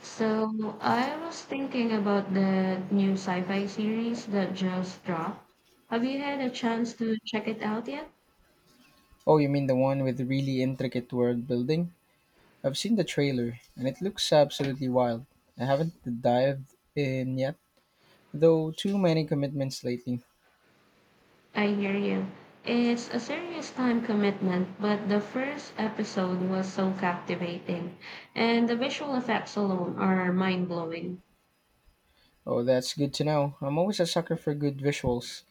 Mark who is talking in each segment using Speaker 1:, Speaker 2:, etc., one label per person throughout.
Speaker 1: So I was thinking about that new sci-fi series that just dropped. Have you had a chance to check it out yet?
Speaker 2: Oh, you mean the one with really intricate world building? I've seen the trailer and it looks absolutely wild. I haven't dived in yet, though too many commitments lately.
Speaker 1: I hear you. It's a serious time commitment, but the first episode was so captivating, and the visual effects alone are mind-blowing.
Speaker 2: Oh, that's good to know. I'm always a sucker for good visuals.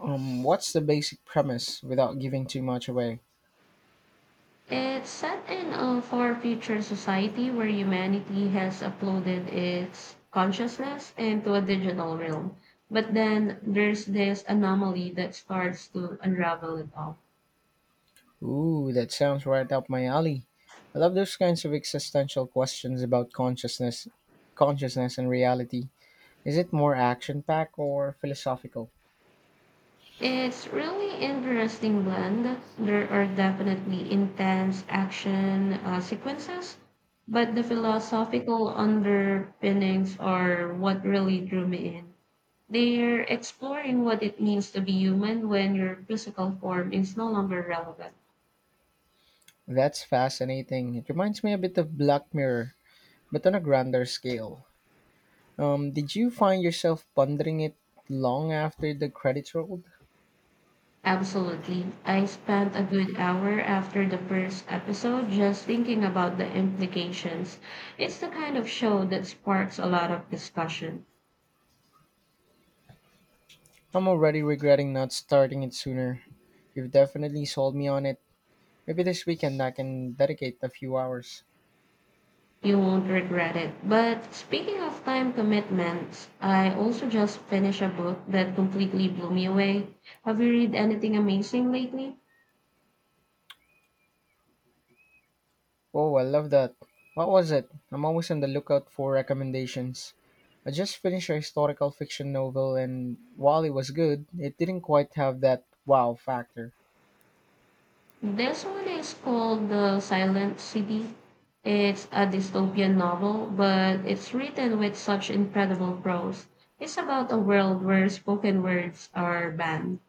Speaker 2: What's the basic premise without giving too much away?
Speaker 1: It's set in a far future society where humanity has uploaded its consciousness into a digital realm. But then there's this anomaly that starts to unravel it all.
Speaker 2: Ooh, that sounds right up my alley. I love those kinds of existential questions about consciousness and reality. Is it more action-packed or philosophical?
Speaker 1: It's really interesting blend. There are definitely intense action sequences, but the philosophical underpinnings are what really drew me in. They're exploring what it means to be human when your physical form is no longer relevant.
Speaker 2: That's fascinating. It reminds me a bit of Black Mirror, but on a grander scale. Did you find yourself pondering it long after the credits rolled?
Speaker 1: Absolutely. I spent a good hour after the first episode just thinking about the implications. It's the kind of show that sparks a lot of discussion.
Speaker 2: I'm already regretting not starting it sooner. You've definitely sold me on it. Maybe this weekend I can dedicate a few hours.
Speaker 1: You won't regret it. But speaking of time commitments, I also just finished a book that completely blew me away. Have you read anything amazing lately?
Speaker 2: Oh, I love that. What was it? I'm always on the lookout for recommendations. I just finished a historical fiction novel, and while it was good, it didn't quite have that wow factor.
Speaker 1: This one is called The Silent City. It's a dystopian novel, but it's written with such incredible prose. It's about a world where spoken words are banned.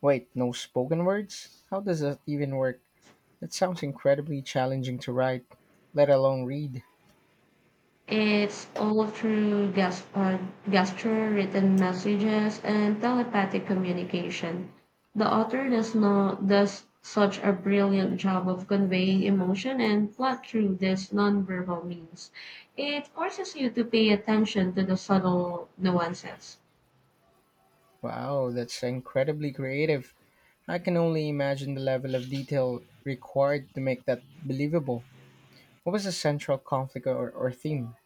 Speaker 2: Wait, no spoken words? How does that even work? That sounds incredibly challenging to write, let alone read.
Speaker 1: It's all through gesture, written messages, and telepathic communication. The author does not does such a brilliant job of conveying emotion and plot through these nonverbal means. It forces you to pay attention to the subtle nuances.
Speaker 2: Wow, that's incredibly creative. I can only imagine the level of detail required to make that believable. What was the central conflict or theme?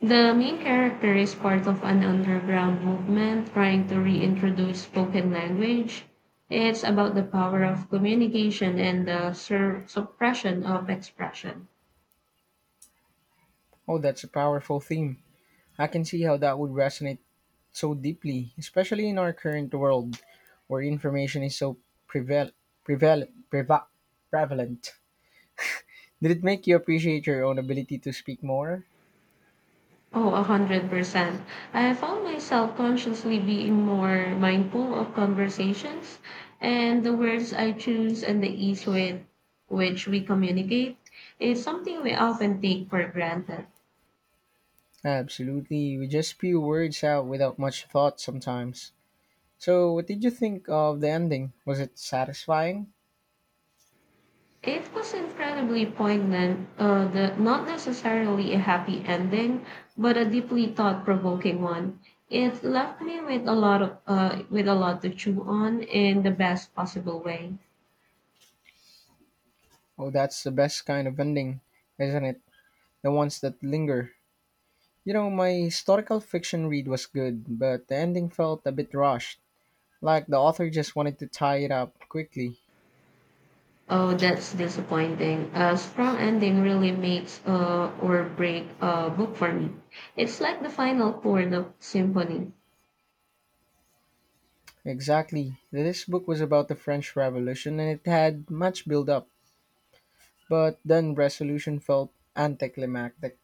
Speaker 1: The main character is part of an underground movement trying to reintroduce spoken language. It's about the power of communication and the suppression of expression.
Speaker 2: Oh, that's a powerful theme. I can see how that would resonate so deeply, especially in our current world where information is so preval- preval- preva- prevalent. Did it make you appreciate your own ability to speak more?
Speaker 1: Oh, 100%. I found myself consciously being more mindful of conversations and the words I choose and the ease with which we communicate. It's something we often take for granted.
Speaker 2: Absolutely, we just spew words out without much thought sometimes. So, what did you think of the ending? Was it satisfying?
Speaker 1: It was incredibly poignant, not necessarily a happy ending, but a deeply thought-provoking one. It left me with a lot of with a lot to chew on in the best possible way.
Speaker 2: Oh, that's the best kind of ending, isn't it? The ones that linger. You know, my historical fiction read was good, but the ending felt a bit rushed. Like the author just wanted to tie it up quickly.
Speaker 1: Oh, that's disappointing. A strong ending really makes or break a book for me. It's like the final chord of symphony.
Speaker 2: Exactly. This book was about the French Revolution and it had much build up, but then resolution felt anticlimactic.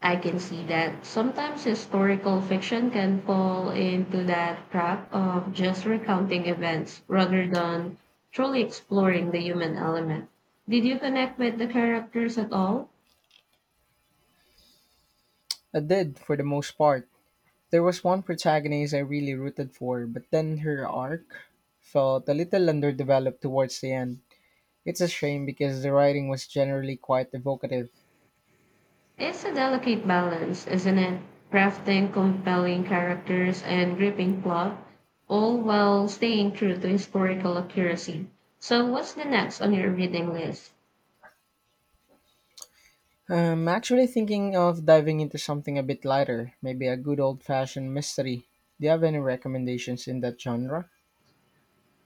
Speaker 1: I can see that sometimes historical fiction can fall into that trap of just recounting events rather than truly exploring the human element. Did you connect with the characters at all?
Speaker 2: It did, for the most part. There was one protagonist I really rooted for, but then her arc felt a little underdeveloped towards the end. It's a shame because the writing was generally quite evocative.
Speaker 1: It's a delicate balance, isn't it? Crafting compelling characters and gripping plot, all while staying true to historical accuracy. So, what's the next on your reading list?
Speaker 2: I'm actually thinking of diving into something a bit lighter, maybe a good old fashioned mystery. Do you have any recommendations in that genre?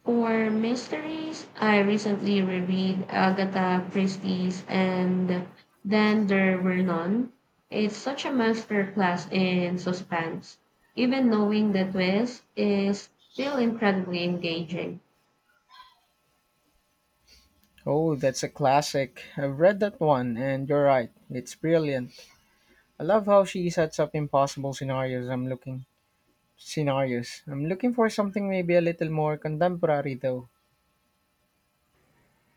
Speaker 1: For mysteries, I recently reread Agatha Christie's and Then There Were None. It's such a masterclass in suspense. Even knowing the twist is still incredibly engaging.
Speaker 2: Oh, that's a classic. I've read that one, and you're right. It's brilliant. I love how she sets up impossible scenarios. I'm looking for something maybe a little more contemporary though.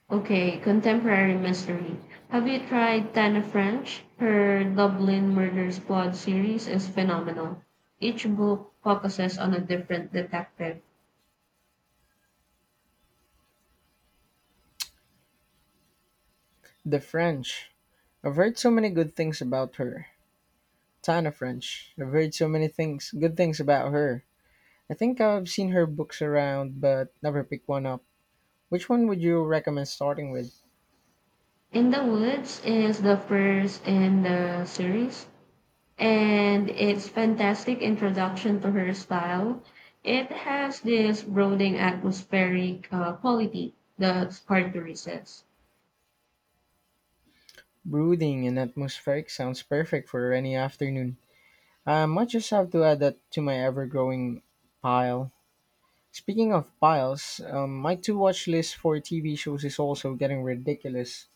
Speaker 1: Okay, contemporary mystery. Have you tried Tana French? Her Dublin Murder Squad series is phenomenal. Each book focuses on a different detective.
Speaker 2: The French. I've heard so many good things about her. Tana French. I've heard so many things, good things about her. I think I've seen her books around, but never picked one up. Which one would you recommend starting with?
Speaker 1: In the Woods is the first in the series and it's fantastic introduction to her style. It has this brooding atmospheric quality that's hard to resist.
Speaker 2: Brooding and atmospheric sounds perfect for any afternoon. I might just have to add that to my ever-growing pile. Speaking of piles, my to-watch list for TV shows is also getting ridiculous.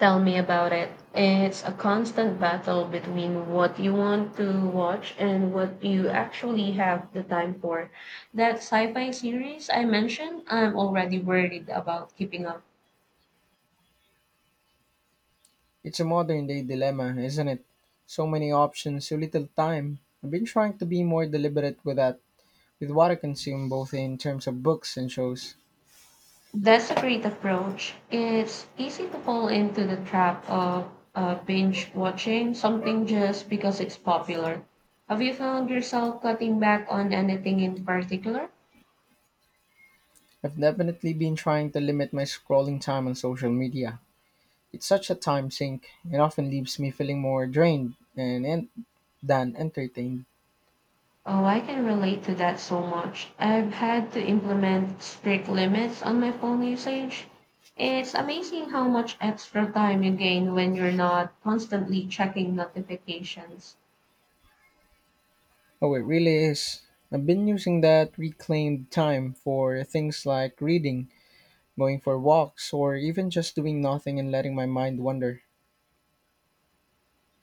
Speaker 1: Tell me about it. It's a constant battle between what you want to watch and what you actually have the time for. That sci fi series I mentioned, I'm already worried about keeping up.
Speaker 2: It's a modern day dilemma, isn't it? So many options, so little time. I've been trying to be more deliberate with that, with what I consume both in terms of books and shows.
Speaker 1: That's a great approach. It's easy to fall into the trap of binge watching something just because it's popular. Have you found yourself cutting back on anything in particular?
Speaker 2: I've definitely been trying to limit my scrolling time on social media. It's such a time sink. It often leaves me feeling more drained and than entertained.
Speaker 1: Oh, I can relate to that so much. I've had to implement strict limits on my phone usage. It's amazing how much extra time you gain when you're not constantly checking notifications.
Speaker 2: Oh, it really is. I've been using that reclaimed time for things like reading, going for walks, or even just doing nothing and letting my mind wander.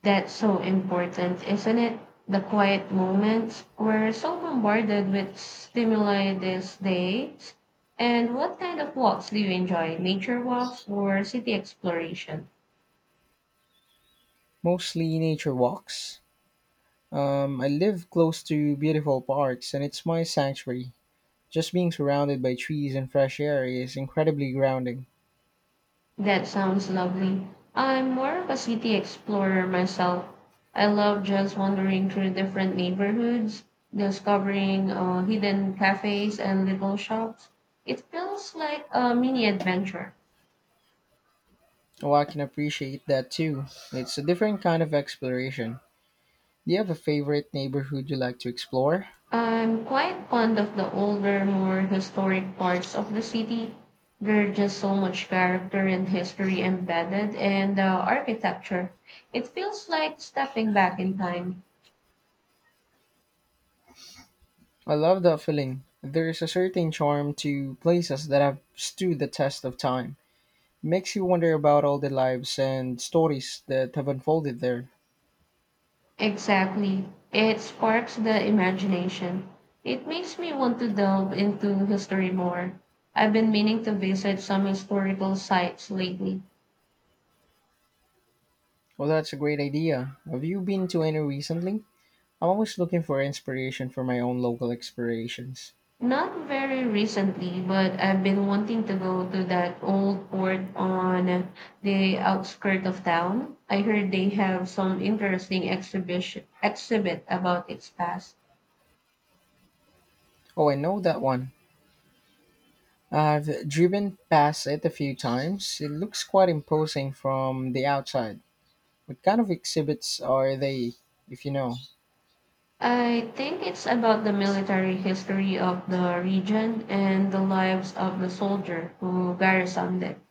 Speaker 1: That's so important, isn't it? The quiet moments. We're so bombarded with stimuli these days. And what kind of walks do you enjoy? Nature walks or city exploration?
Speaker 2: Mostly nature walks. I live close to beautiful parks and it's my sanctuary. Just being surrounded by trees and fresh air is incredibly grounding.
Speaker 1: That sounds lovely. I'm more of a city explorer myself. I love just wandering through different neighborhoods, discovering hidden cafes and little shops. It feels like a mini adventure.
Speaker 2: Oh, I can appreciate that too. It's a different kind of exploration. Do you have a favorite neighborhood you like to explore?
Speaker 1: I'm quite fond of the older, more historic parts of the city. There's just so much character and history embedded in the architecture. It feels like stepping back in time.
Speaker 2: I love that feeling. There's a certain charm to places that have stood the test of time. It makes you wonder about all the lives and stories that have unfolded there.
Speaker 1: Exactly. It sparks the imagination. It makes me want to delve into history more. I've been meaning to visit some historical sites lately.
Speaker 2: Well, that's a great idea. Have you been to any recently? I'm always looking for inspiration for my own local explorations.
Speaker 1: Not very recently, but I've been wanting to go to that old port on the outskirts of town. I heard they have some interesting exhibit about its past.
Speaker 2: Oh, I know that one. I've driven past it a few times. It looks quite imposing from the outside. What kind of exhibits are they, if you know?
Speaker 1: I think it's about the military history of the region and the lives of the soldier who garrisoned it.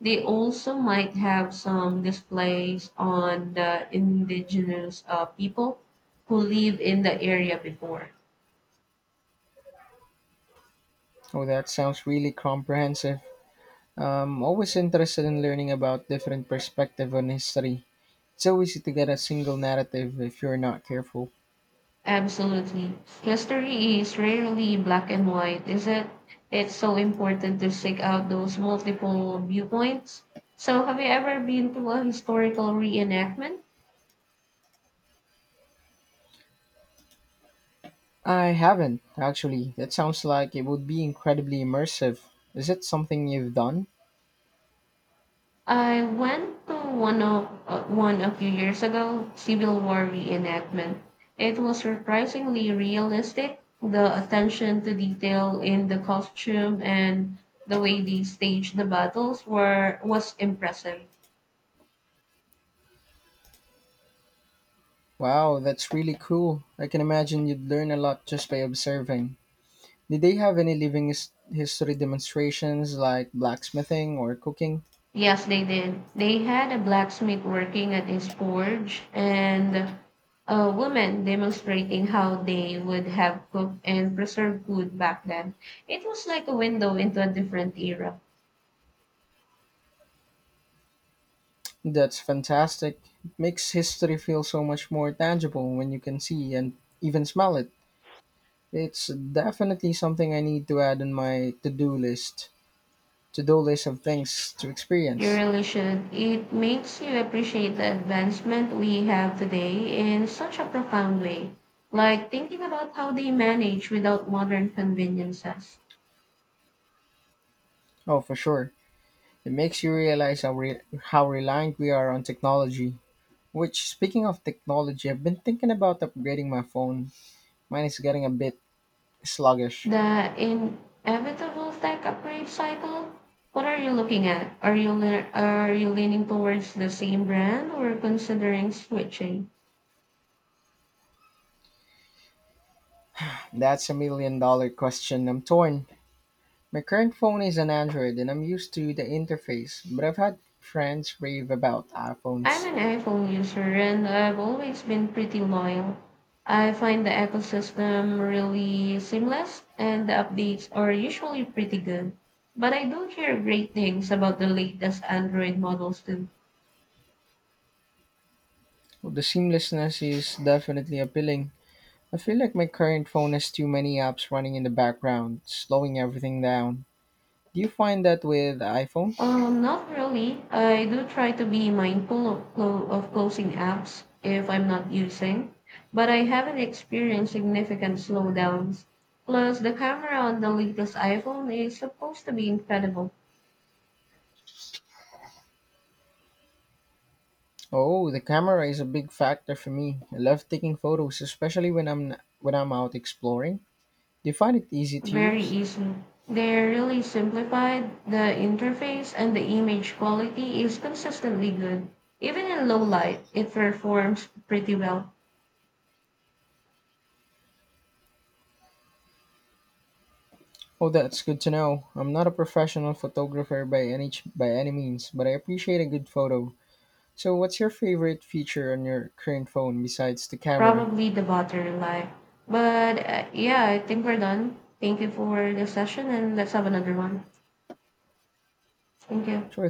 Speaker 1: They also might have some displays on the indigenous people who live in the area before.
Speaker 2: Oh, that sounds really comprehensive. I'm always interested in learning about different perspective on history. It's so easy to get a single narrative if you're not careful.
Speaker 1: Absolutely. History is rarely black and white, is it? It's so important to seek out those multiple viewpoints. So, have you ever been to a historical reenactment?
Speaker 2: I haven't, actually. That sounds like it would be incredibly immersive. Is it something you've done?
Speaker 1: I went to one a few years ago, Civil War reenactment. It was surprisingly realistic. The attention to detail in the costume and the way they staged the battles were was impressive.
Speaker 2: Wow, that's really cool. I can imagine you'd learn a lot just by observing. Did they have any living history demonstrations like blacksmithing or cooking?
Speaker 1: Yes, they did. They had a blacksmith working at his forge and a woman demonstrating how they would have cooked and preserved food back then. It was like a window into a different era.
Speaker 2: That's fantastic. It makes history feel so much more tangible when you can see and even smell it. It's definitely something I need to add on my to-do list. To-do list of things to
Speaker 1: You
Speaker 2: experience.
Speaker 1: really should. It makes you appreciate the advancement we have today in such a profound way, like thinking about how they manage without modern conveniences.
Speaker 2: Oh, for sure. It makes you realize how how reliant we are on technology. Which, speaking of technology, I've been thinking about upgrading my phone. Mine is getting a bit sluggish.
Speaker 1: The inevitable tech upgrade cycle. What are you looking at? Are you leaning towards the same brand or considering switching?
Speaker 2: That's a million dollar question. I'm torn. My current phone is an Android and I'm used to the interface, but I've had friends rave about
Speaker 1: I'm
Speaker 2: iPhones.
Speaker 1: an iPhone user and I've always been pretty loyal. I find the ecosystem really seamless and the updates are usually pretty good. But I do hear great things about the latest Android models too.
Speaker 2: Well, the seamlessness is definitely appealing. I feel like my current phone has too many apps running in the background, slowing everything down. Do you find that with iPhone?
Speaker 1: Not really. I do try to be mindful of, closing apps if I'm not using, but I haven't experienced significant slowdowns. Plus, the camera on the latest iPhone is supposed to be incredible,
Speaker 2: Oh, the camera is a big factor for me. I love taking photos, especially when I'm out exploring. Do you find it easy to
Speaker 1: very
Speaker 2: use?
Speaker 1: easy. They're really simplified. The interface and the image quality is consistently good. Even in low light, it performs pretty well.
Speaker 2: Oh, that's good to know. I'm not a professional photographer by by any means, but I appreciate a good photo. So, what's your favorite feature on your current phone besides the camera?
Speaker 1: Probably the battery life, but yeah, I think we're done. Thank you for this session and let's have another one. Thank you.
Speaker 2: Sure